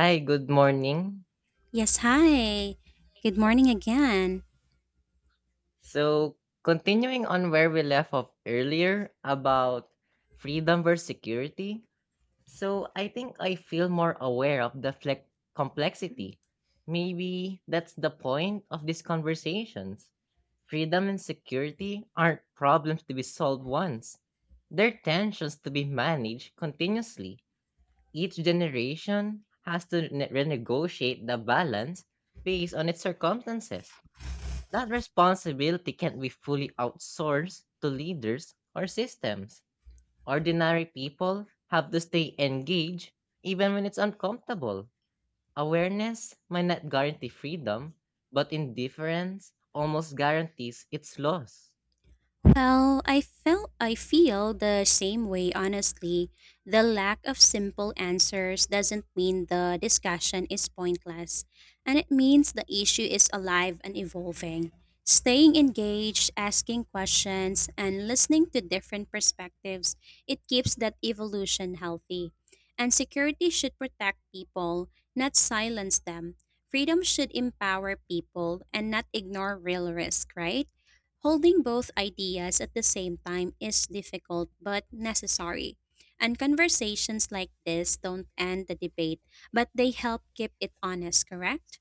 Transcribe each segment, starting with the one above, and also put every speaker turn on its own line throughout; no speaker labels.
Hi, good morning.
Yes, hi. Good morning again.
So, continuing on where we left off earlier about freedom versus security. So, I think I feel more aware of the complexity. Maybe that's the point of these conversations. Freedom and security aren't problems to be solved once, they're tensions to be managed continuously. Each generation has to renegotiate the balance based on its circumstances. That responsibility can't be fully outsourced to leaders or systems. Ordinary people have to stay engaged even when it's uncomfortable. Awareness might not guarantee freedom, but indifference almost guarantees its loss.
Well, I feel the same way honestly. The lack of simple answers doesn't mean the discussion is pointless, and it means the issue is alive and evolving. Staying engaged, asking questions, and listening to different perspectives, it keeps that evolution healthy. And security should protect people, not silence them. Freedom should empower people and not ignore real risk, right? Holding both ideas at the same time is difficult but necessary. And conversations like this don't end the debate, but they help keep it honest, correct?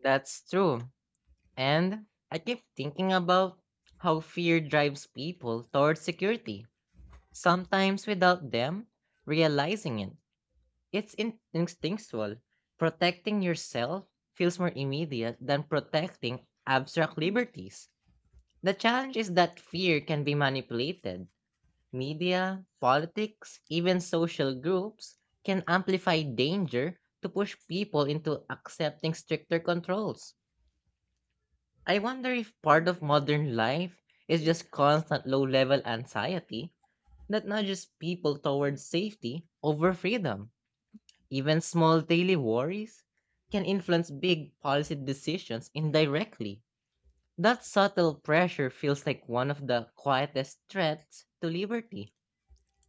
That's true. And I keep thinking about how fear drives people towards security, sometimes without them realizing it. It's instinctual. Protecting yourself feels more immediate than protecting abstract liberties. The challenge is that fear can be manipulated. Media, politics, even social groups can amplify danger to push people into accepting stricter controls. I wonder if part of modern life is just constant low level anxiety that nudges people towards safety over freedom. Even small daily worries can influence big policy decisions indirectly. That subtle pressure feels like one of the quietest threats to liberty.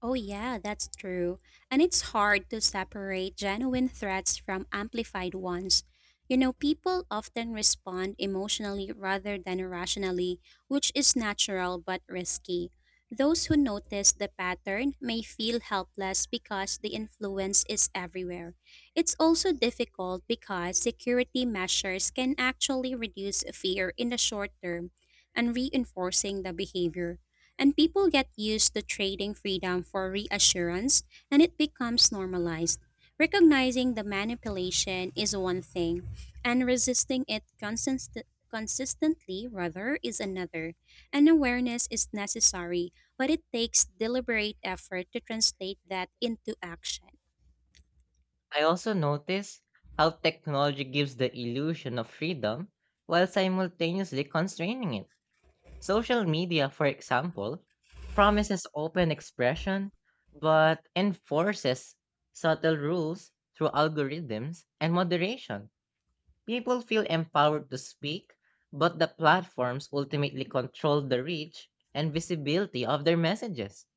Oh, yeah, that's true. And it's hard to separate genuine threats from amplified ones. You know, people often respond emotionally rather than rationally, which is natural but risky. Those who notice the pattern may feel helpless because the influence is everywhere. It's also difficult because security measures can actually reduce fear in the short term and reinforcing the behavior and people get used to trading freedom for reassurance, and it becomes normalized. Recognizing the manipulation is one thing, and resisting it consistently, rather, is another. And awareness is necessary, but it takes deliberate effort to translate that into action.
I also notice how technology gives the illusion of freedom while simultaneously constraining it. Social media, for example, promises open expression but enforces subtle rules through algorithms and moderation. People feel empowered to speak, but the platforms ultimately control the reach and visibility of their messages.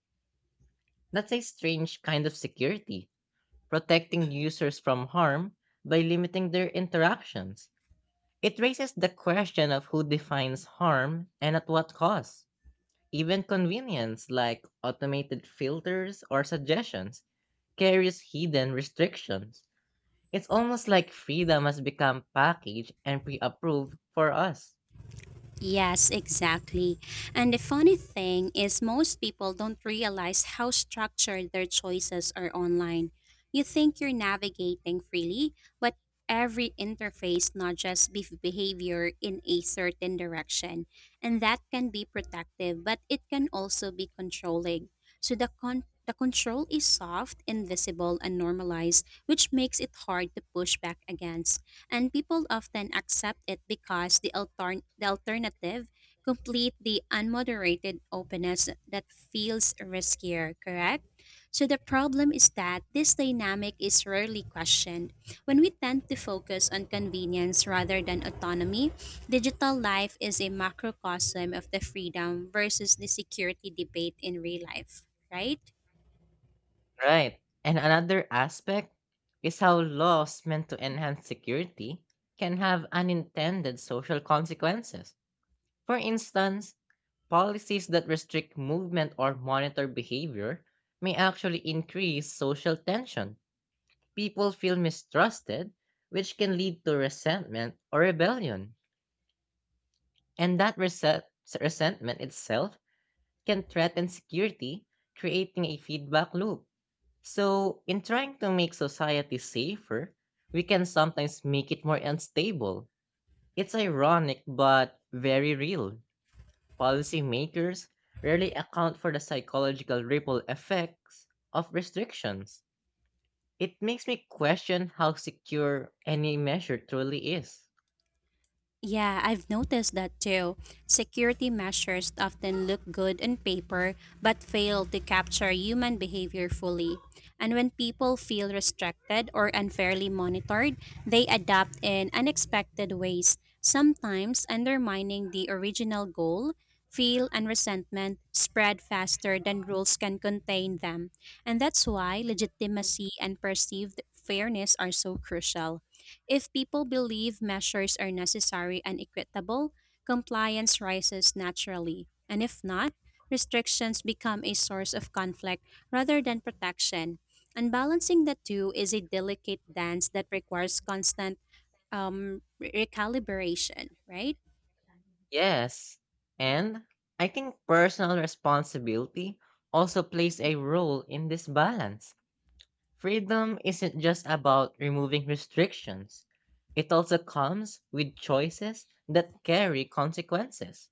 That's a strange kind of security, protecting users from harm by limiting their interactions. It raises the question of who defines harm and at what cost. Even convenience like automated filters or suggestions carries hidden restrictions. It's almost like freedom has become packaged and pre approved for us.
Yes, exactly. And the funny thing is, most people don't realize how structured their choices are online. You think you're navigating freely, but every interface nudges behavior in a certain direction. And that can be protective, but it can also be controlling. So the control is soft, invisible, and normalized, which makes it hard to push back against and people often accept it because the alternative complete the unmoderated openness that feels riskier, correct? So the problem is that this dynamic is rarely questioned. When we tend to focus on convenience rather than autonomy, digital life is a macrocosm of the freedom versus the security debate in real life, right?
Right. And another aspect is how laws meant to enhance security can have unintended social consequences. For instance, policies that restrict movement or monitor behavior may actually increase social tension. People feel mistrusted, which can lead to resentment or rebellion. And that resentment itself can threaten security, creating a feedback loop. So, in trying to make society safer, we can sometimes make it more unstable. It's ironic but very real. Policymakers rarely account for the psychological ripple effects of restrictions. It makes me question how secure any measure truly is.
Yeah, I've noticed that too. Security measures often look good on paper but fail to capture human behavior fully. And when people feel restricted or unfairly monitored, they adapt in unexpected ways, sometimes undermining the original goal. Feel and resentment spread faster than rules can contain them. And that's why legitimacy and perceived fairness are so crucial. If people believe measures are necessary and equitable, compliance rises naturally. And if not, restrictions become a source of conflict rather than protection. And balancing the two is a delicate dance that requires constant recalibration, right?
Yes, and I think personal responsibility also plays a role in this balance. Freedom isn't just about removing restrictions. It also comes with choices that carry consequences.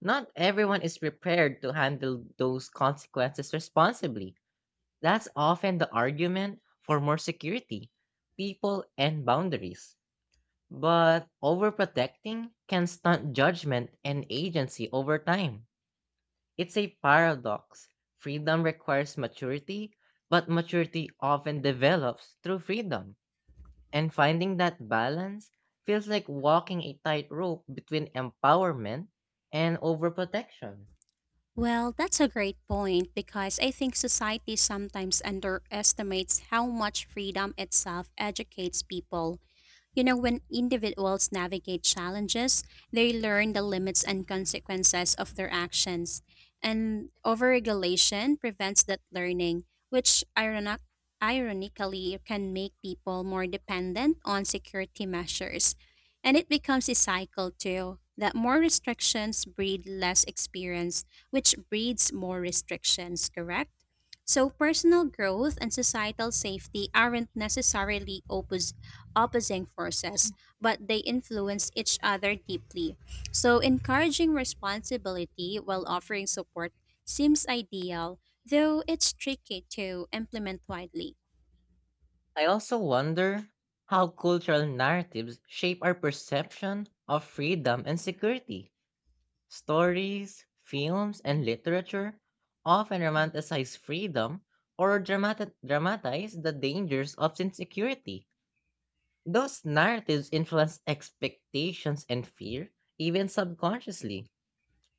Not everyone is prepared to handle those consequences responsibly. That's often the argument for more security, people, and boundaries. But overprotecting can stunt judgment and agency over time. It's a paradox. Freedom requires maturity, but maturity often develops through freedom. And finding that balance feels like walking a tightrope between empowerment and overprotection.
Well, that's a great point because I think society sometimes underestimates how much freedom itself educates people. You know, when individuals navigate challenges, they learn the limits and consequences of their actions. And overregulation prevents that learning, which ironically can make people more dependent on security measures. And it becomes a cycle too that more restrictions breed less experience, which breeds more restrictions, correct? So, personal growth and societal safety aren't necessarily opposite opposing forces, but they influence each other deeply. So, encouraging responsibility while offering support seems ideal, though it's tricky to implement widely.
I also wonder how cultural narratives shape our perception of freedom and security. Stories, films, and literature often romanticize freedom or dramatize the dangers of insecurity. Those narratives influence expectations and fear, even subconsciously.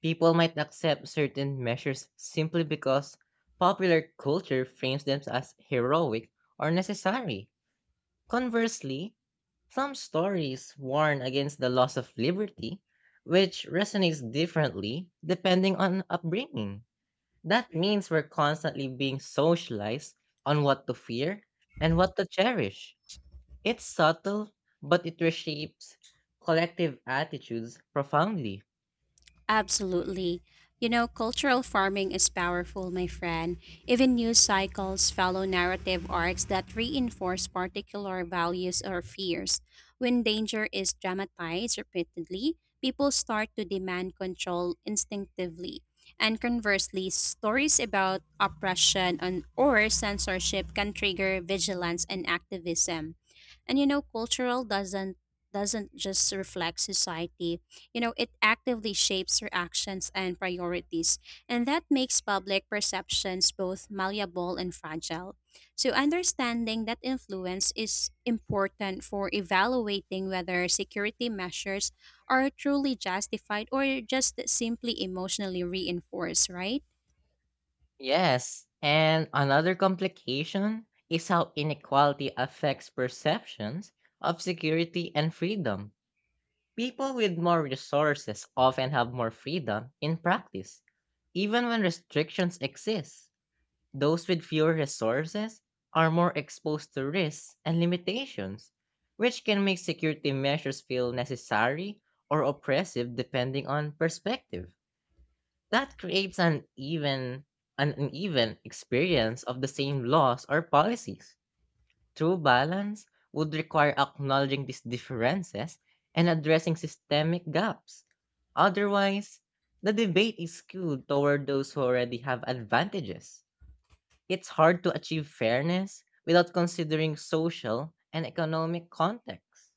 People might accept certain measures simply because popular culture frames them as heroic or necessary. Conversely, some stories warn against the loss of liberty, which resonates differently depending on upbringing. That means we're constantly being socialized on what to fear and what to cherish. It's subtle, but it reshapes collective attitudes profoundly.
Absolutely. You know, cultural farming is powerful, my friend. Even news cycles follow narrative arcs that reinforce particular values or fears. When danger is dramatized repeatedly, people start to demand control instinctively. And conversely, stories about oppression and or censorship can trigger vigilance and activism. And you know, cultural doesn't just reflect society, you know, it actively shapes your actions and priorities, and that makes public perceptions both malleable and fragile. So, understanding that influence is important for evaluating whether security measures are truly justified or just simply emotionally reinforced, right?
Yes, and another complication is how inequality affects perceptions of security and freedom. People with more resources often have more freedom in practice, even when restrictions exist. Those with fewer resources are more exposed to risks and limitations, which can make security measures feel necessary or oppressive depending on perspective. That creates an uneven experience of the same laws or policies. True balance would require acknowledging these differences and addressing systemic gaps. Otherwise, the debate is skewed toward those who already have advantages. It's hard to achieve fairness without considering social and economic context.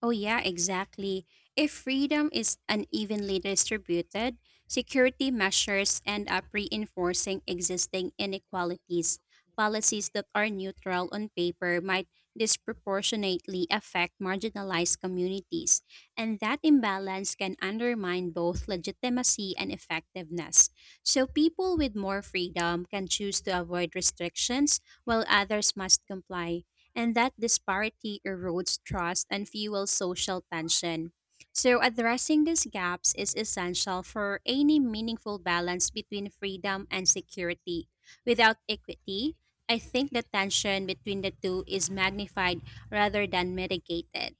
Oh, yeah, exactly. If freedom is unevenly distributed, security measures end up reinforcing existing inequalities. Policies that are neutral on paper might disproportionately affect marginalized communities, and that imbalance can undermine both legitimacy and effectiveness. So, people with more freedom can choose to avoid restrictions while others must comply, and that disparity erodes trust and fuels social tension. So, addressing these gaps is essential for any meaningful balance between freedom and security. Without equity, I think the tension between the two is magnified rather than mitigated.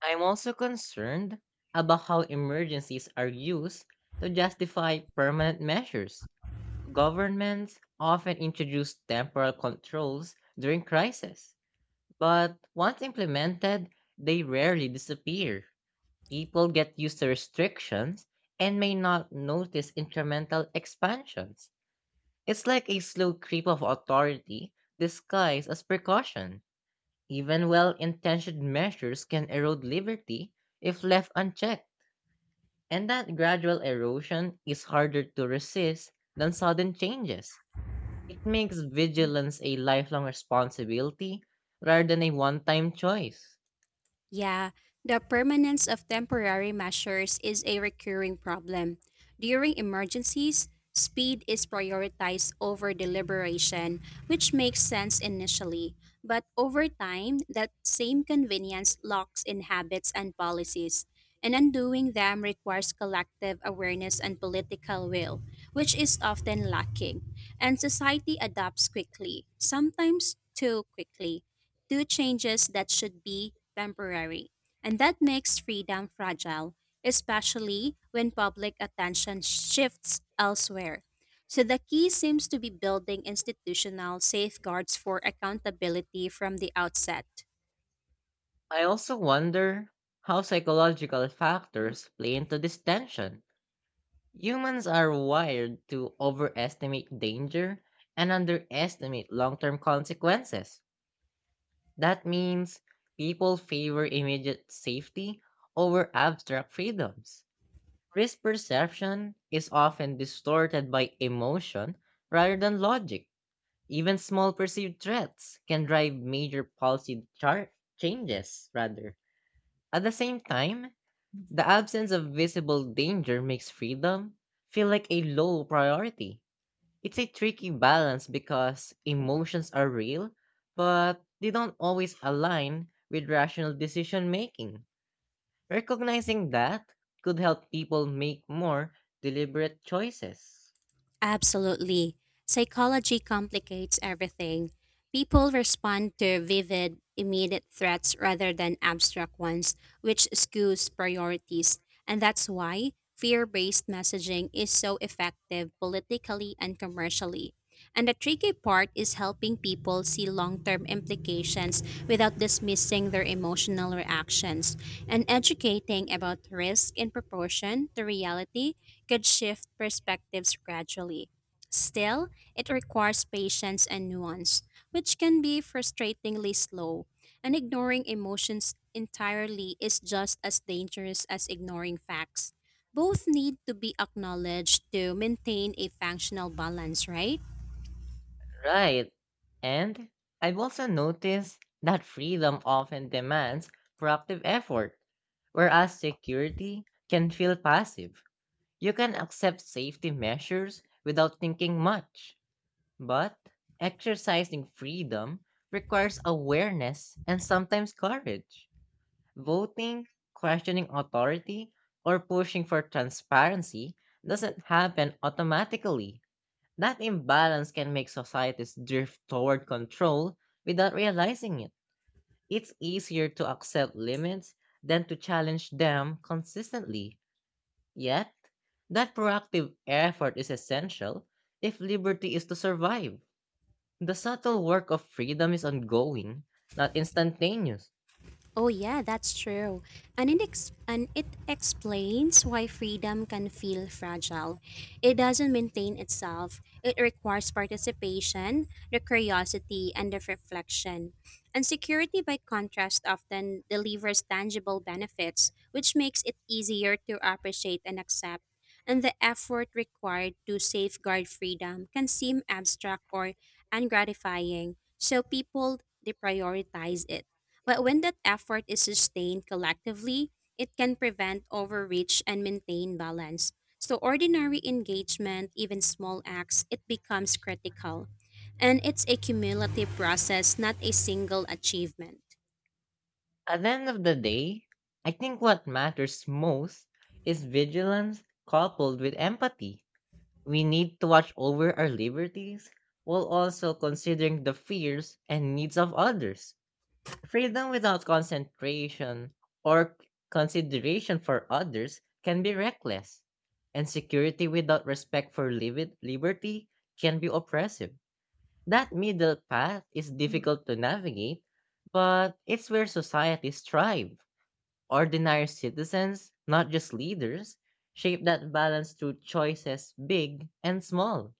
I'm also concerned about how emergencies are used to justify permanent measures. Governments often introduce temporal controls during crisis, but once implemented, they rarely disappear. People get used to restrictions and may not notice incremental expansions. It's like a slow creep of authority disguised as precaution. Even well intentioned measures can erode liberty if left unchecked, and that gradual erosion is harder to resist than sudden changes. It makes vigilance a lifelong responsibility rather than a one time choice.
Yeah, the permanence of temporary measures is a recurring problem. During emergencies, speed is prioritized over deliberation, which makes sense initially. But over time, that same convenience locks in habits and policies, and undoing them requires collective awareness and political will, which is often lacking. And society adapts quickly, sometimes too quickly two changes that should be temporary. And that makes freedom fragile, especially when public attention shifts elsewhere. So the key seems to be building institutional safeguards for accountability from the outset.
I also wonder how psychological factors play into this tension. Humans are wired to overestimate danger and underestimate long term consequences. That means people favor immediate safety over abstract freedoms. Risk perception is often distorted by emotion rather than logic. Even small perceived threats can drive major policy changes, rather. At the same time, the absence of visible danger makes freedom feel like a low priority. It's a tricky balance because emotions are real, but they don't always align with rational decision making. Recognizing that could help people make more deliberate choices.
Absolutely. Psychology complicates everything. People respond to vivid, immediate threats rather than abstract ones, which skews priorities. And that's why fear based messaging is so effective politically and commercially. And the tricky part is helping people see long term implications without dismissing their emotional reactions, and educating about risk in proportion to reality could shift perspectives gradually. Still, it requires patience and nuance, which can be frustratingly slow, and ignoring emotions entirely is just as dangerous as ignoring facts. Both need to be acknowledged to maintain a functional balance, right?
Right. And I've also noticed that freedom often demands proactive effort, whereas security can feel passive. You can accept safety measures without thinking much, but exercising freedom requires awareness and sometimes courage. Voting, questioning authority, or pushing for transparency doesn't happen automatically. That imbalance can make societies drift toward control without realizing it. It's easier to accept limits than to challenge them consistently. Yet, that proactive effort is essential if liberty is to survive. The subtle work of freedom is ongoing, not instantaneous.
Oh, yeah, that's true. And it explains why freedom can feel fragile. It doesn't maintain itself, it requires participation, the curiosity, and the reflection. And security, by contrast, often delivers tangible benefits, which makes it easier to appreciate and accept. And the effort required to safeguard freedom can seem abstract or ungratifying, so people deprioritize it. But when that effort is sustained collectively, it can prevent overreach and maintain balance. So ordinary engagement, even small acts, it becomes critical. And it's a cumulative process, not a single achievement.
At the end of the day, I think what matters most is vigilance coupled with empathy. We need to watch over our liberties while also considering the fears and needs of others. Freedom without concentration or consideration for others can be reckless, and security without respect for liberty can be oppressive. That middle path is difficult to navigate, but it's where societies thrive. Ordinary citizens, not just leaders, shape that balance through choices big and small.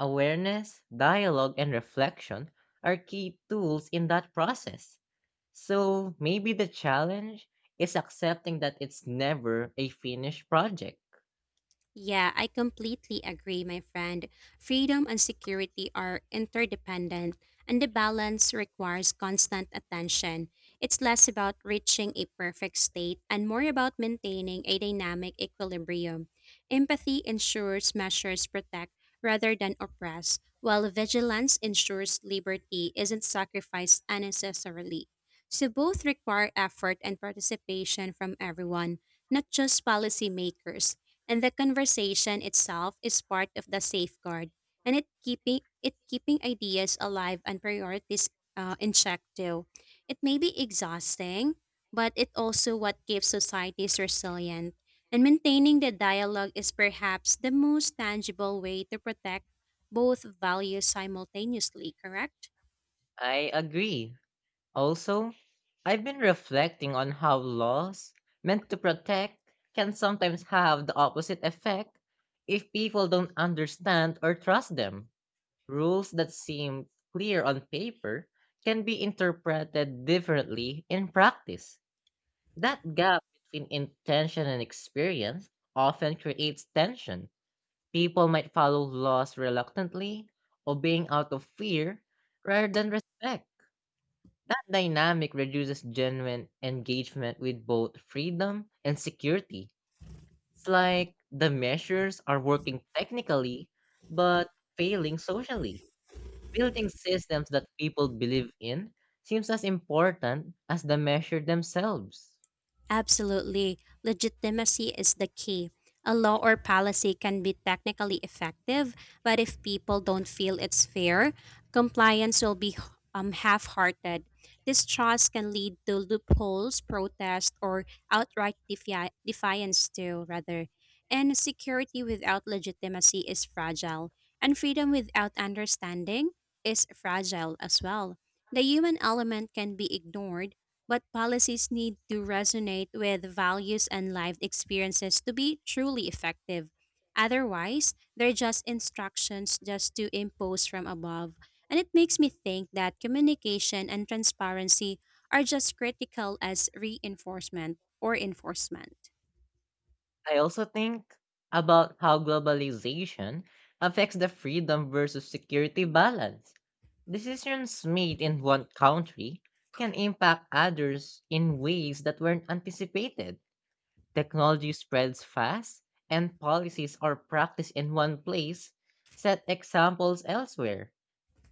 Awareness, dialogue, and reflection are key tools in that process. So maybe the challenge is accepting that it's never a finished project.
Yeah, I completely agree, my friend. Freedom and security are interdependent, and the balance requires constant attention. It's less about reaching a perfect state and more about maintaining a dynamic equilibrium. Empathy ensures measures protect rather than oppress, while vigilance ensures liberty isn't sacrificed unnecessarily. So both require effort and participation from everyone, not just policymakers, and the conversation itself is part of the safeguard, and it keeping ideas alive and priorities in check too. It may be exhausting, but it also what keeps societies resilient, and maintaining the dialogue is perhaps the most tangible way to protect both values simultaneously, correct?
I agree. Also, I've been reflecting on how laws meant to protect can sometimes have the opposite effect if people don't understand or trust them. Rules that seem clear on paper can be interpreted differently in practice. That gap between intention and experience often creates tension. People might follow laws reluctantly, obeying out of fear rather than respect. That dynamic reduces genuine engagement with both freedom and security. It's like the measures are working technically but failing socially. Building systems that people believe in seems as important as the measure themselves.
Absolutely. Legitimacy is the key. A law or policy can be technically effective, but if people don't feel it's fair, compliance will be half hearted. Distrust can lead to loopholes, protest, or outright defiance, too, rather. And security without legitimacy is fragile, and freedom without understanding is fragile as well. The human element can be ignored but policies need to resonate with values and lived experiences to be truly effective. Otherwise, they're just instructions just to impose from above. And it makes me think that communication and transparency are just critical as reinforcement or enforcement.
I also think about how globalization affects the freedom versus security balance. Decisions made in one country can impact others in ways that weren't anticipated. Technology spreads fast, and policies or practice in one place set examples elsewhere.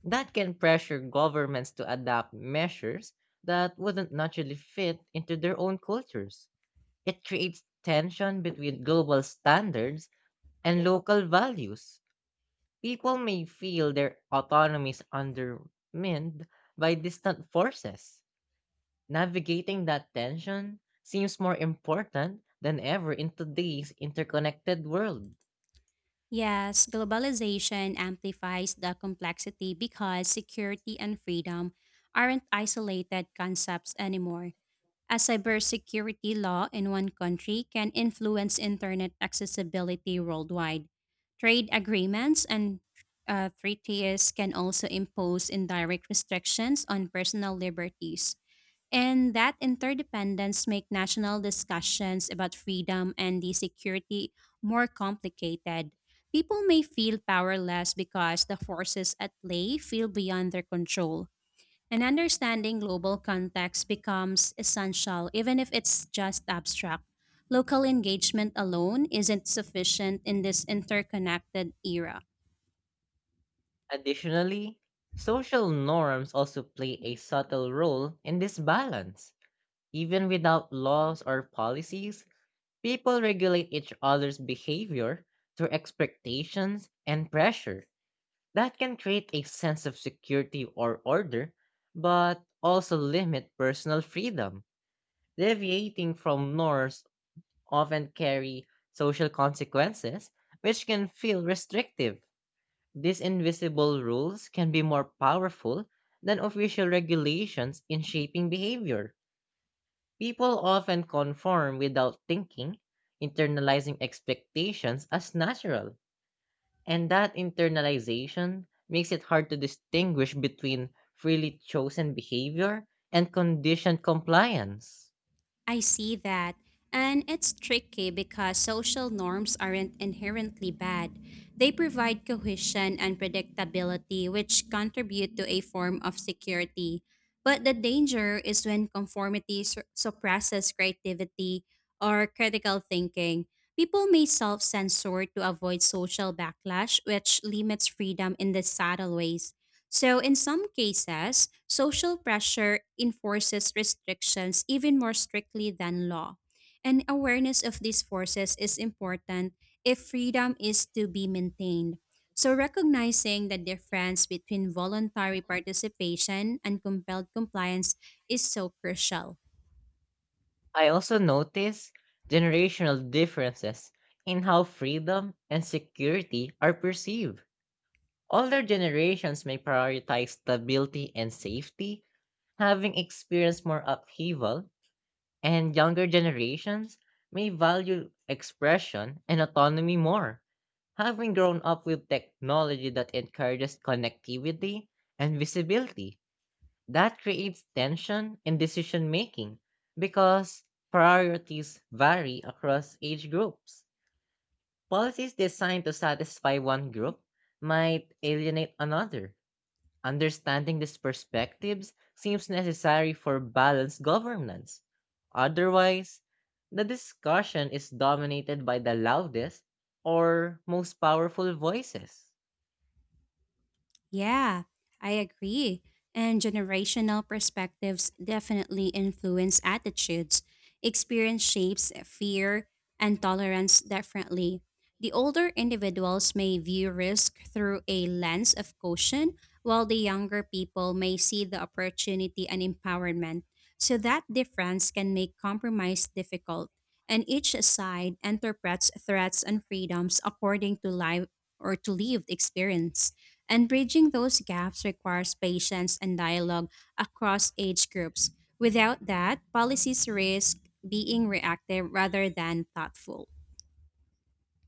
That can pressure governments to adopt measures that wouldn't naturally fit into their own cultures. It creates tension between global standards and local values. People may feel their autonomy is undermined by distant forces. Navigating that tension seems more important than ever in today's interconnected world.
Yes, globalization amplifies the complexity because security and freedom aren't isolated concepts anymore. A cybersecurity law in one country can influence internet accessibility worldwide. Trade agreements and treaties can also impose indirect restrictions on personal liberties. And that interdependence make national discussions about freedom and the security more complicated. People may feel powerless because the forces at play feel beyond their control. And understanding global context becomes essential, even if it's just abstract. Local engagement alone isn't sufficient in this interconnected era.
Additionally, social norms also play a subtle role in this balance. Even without laws or policies, people regulate each other's behavior through expectations and pressure. That can create a sense of security or order, but also limit personal freedom. Deviating from norms often carry social consequences, which can feel restrictive. These invisible rules can be more powerful than official regulations in shaping behavior. People often conform without thinking, internalizing expectations as natural. And that internalization makes it hard to distinguish between freely chosen behavior and conditioned compliance.
I see that. And it's tricky because social norms aren't inherently bad. They provide cohesion and predictability, which contribute to a form of security. But the danger is when conformity suppresses creativity or critical thinking. People may self censor to avoid social backlash, which limits freedom in the subtle ways. So, in some cases, social pressure enforces restrictions even more strictly than law. And awareness of these forces is important if freedom is to be maintained. So, recognizing the difference between voluntary participation and compelled compliance is so crucial.
I also notice generational differences in how freedom and security are perceived. Older generations may prioritize stability and safety, having experienced more upheaval, and younger generations may value expression and autonomy more, having grown up with technology that encourages connectivity and visibility. That creates tension in decision making because priorities vary across age groups. Policies designed to satisfy one group might alienate another. Understanding these perspectives seems necessary for balanced governance. Otherwise, the discussion is dominated by the loudest or most powerful voices.
Yeah, I agree. And generational perspectives definitely influence attitudes. Experience shapes fear and tolerance differently. The older individuals may view risk through a lens of caution, while the younger people may see the opportunity and empowerment. So that difference can make compromise difficult, and each side interprets threats and freedoms according to life or to lived experience. And bridging those gaps requires patience and dialogue across age groups. Without that, policies risk being reactive rather than thoughtful.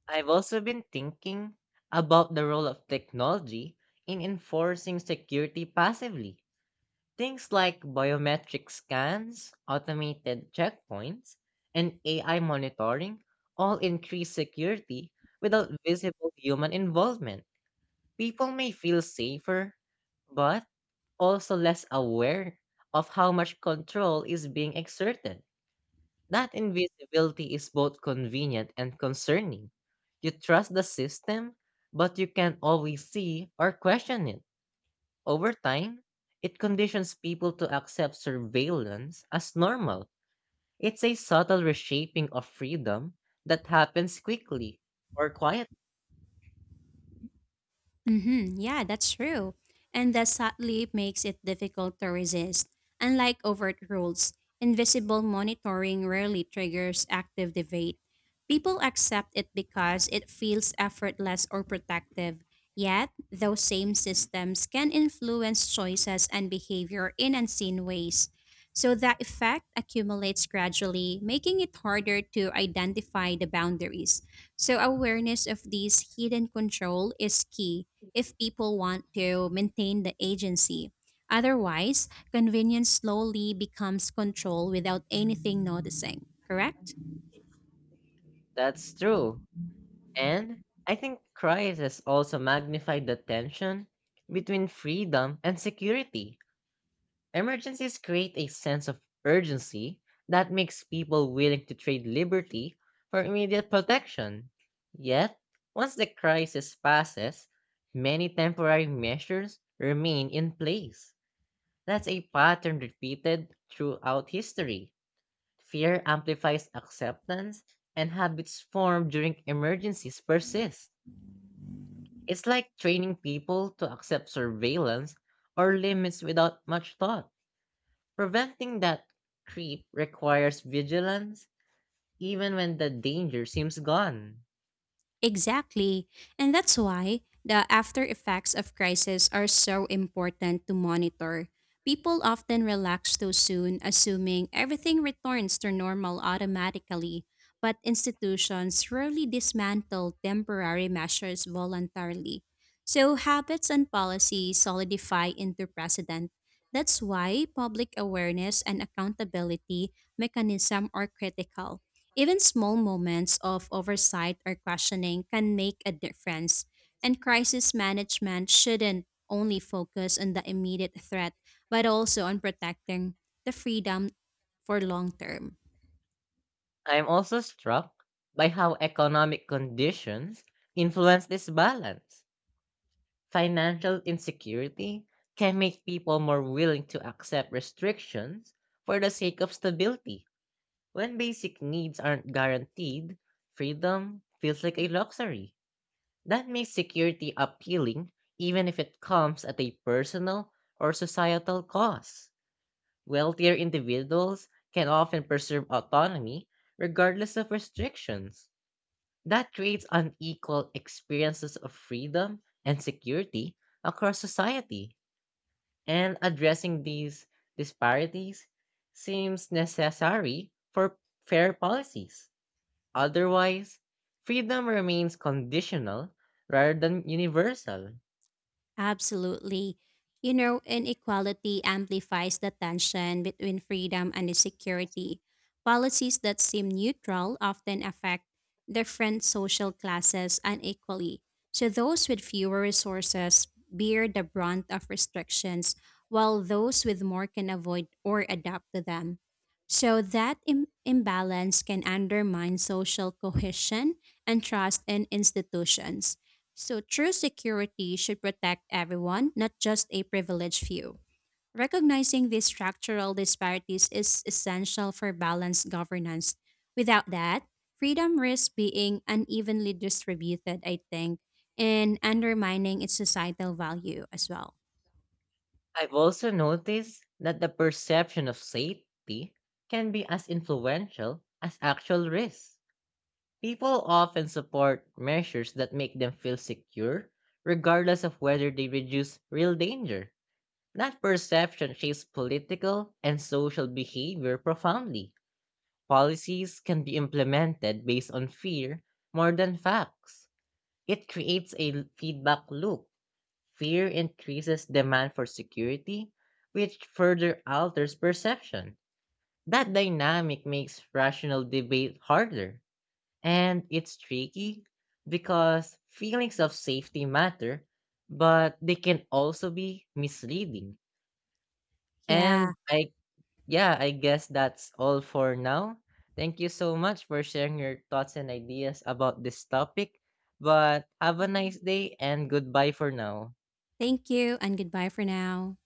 I've also been thinking about the role of technology in enforcing security passively. Things like biometric scans, automated checkpoints, and AI monitoring all increase security without visible human involvement. People may feel safer, but also less aware of how much control is being exerted. That invisibility is both convenient and concerning. You trust the system, but you can't always see or question it. Over time, it conditions people to accept surveillance as normal. It's a subtle reshaping of freedom that happens quickly or quiet.
Mm-hmm. Yeah, that's true. And that sadly makes it difficult to resist. Unlike overt rules, invisible monitoring rarely triggers active debate. People accept it because it feels effortless or protective. Yet, those same systems can influence choices and behavior in unseen ways. So, the effect accumulates gradually, making it harder to identify the boundaries. So, awareness of these hidden control is key if people want to maintain the agency. Otherwise, convenience slowly becomes control without anything noticing, correct?
That's true. And I think crises also magnify the tension between freedom and security. Emergencies create a sense of urgency that makes people willing to trade liberty for immediate protection. Yet, once the crisis passes, many temporary measures remain in place. That's a pattern repeated throughout history. Fear amplifies acceptance, and habits formed during emergencies persist. It's like training people to accept surveillance or limits without much thought. Preventing that creep requires vigilance, even when the danger seems gone.
Exactly. And that's why the after effects of crisis are so important to monitor. People often relax too soon, assuming everything returns to normal automatically, but institutions rarely dismantle temporary measures voluntarily. So habits and policies solidify into precedent. That's why public awareness and accountability mechanism are critical. Even small moments of oversight or questioning can make a difference, and crisis management shouldn't only focus on the immediate threat, but also on protecting the freedom for long term.
I'm also struck by how economic conditions influence this balance. Financial insecurity can make people more willing to accept restrictions for the sake of stability. When basic needs aren't guaranteed, freedom feels like a luxury. That makes security appealing, even if it comes at a personal or societal cost. Wealthier individuals can often preserve autonomy regardless of restrictions. That creates unequal experiences of freedom and security across society. And addressing these disparities seems necessary for fair policies. Otherwise, freedom remains conditional rather than universal.
Absolutely. You know, inequality amplifies the tension between freedom and insecurity. Policies that seem neutral often affect different social classes unequally. So, those with fewer resources bear the brunt of restrictions, while those with more can avoid or adapt to them. So, that imbalance can undermine social cohesion and trust in institutions. So, true security should protect everyone, not just a privileged few. Recognizing these structural disparities is essential for balanced governance. Without that, freedom risks being unevenly distributed, I think, and undermining its societal value as well.
I've also noticed that the perception of safety can be as influential as actual risks. People often support measures that make them feel secure, regardless of whether they reduce real danger. That perception shapes political and social behavior profoundly. Policies can be implemented based on fear more than facts. It creates a feedback loop. Fear increases demand for security, which further alters perception. That dynamic makes rational debate harder. And it's tricky because feelings of safety matter, but they can also be misleading. And
Yeah,
I Yeah, I guess that's all for now. Thank you so much for sharing your thoughts and ideas about this topic. But have a nice day and goodbye for now.
thank you and goodbye for now.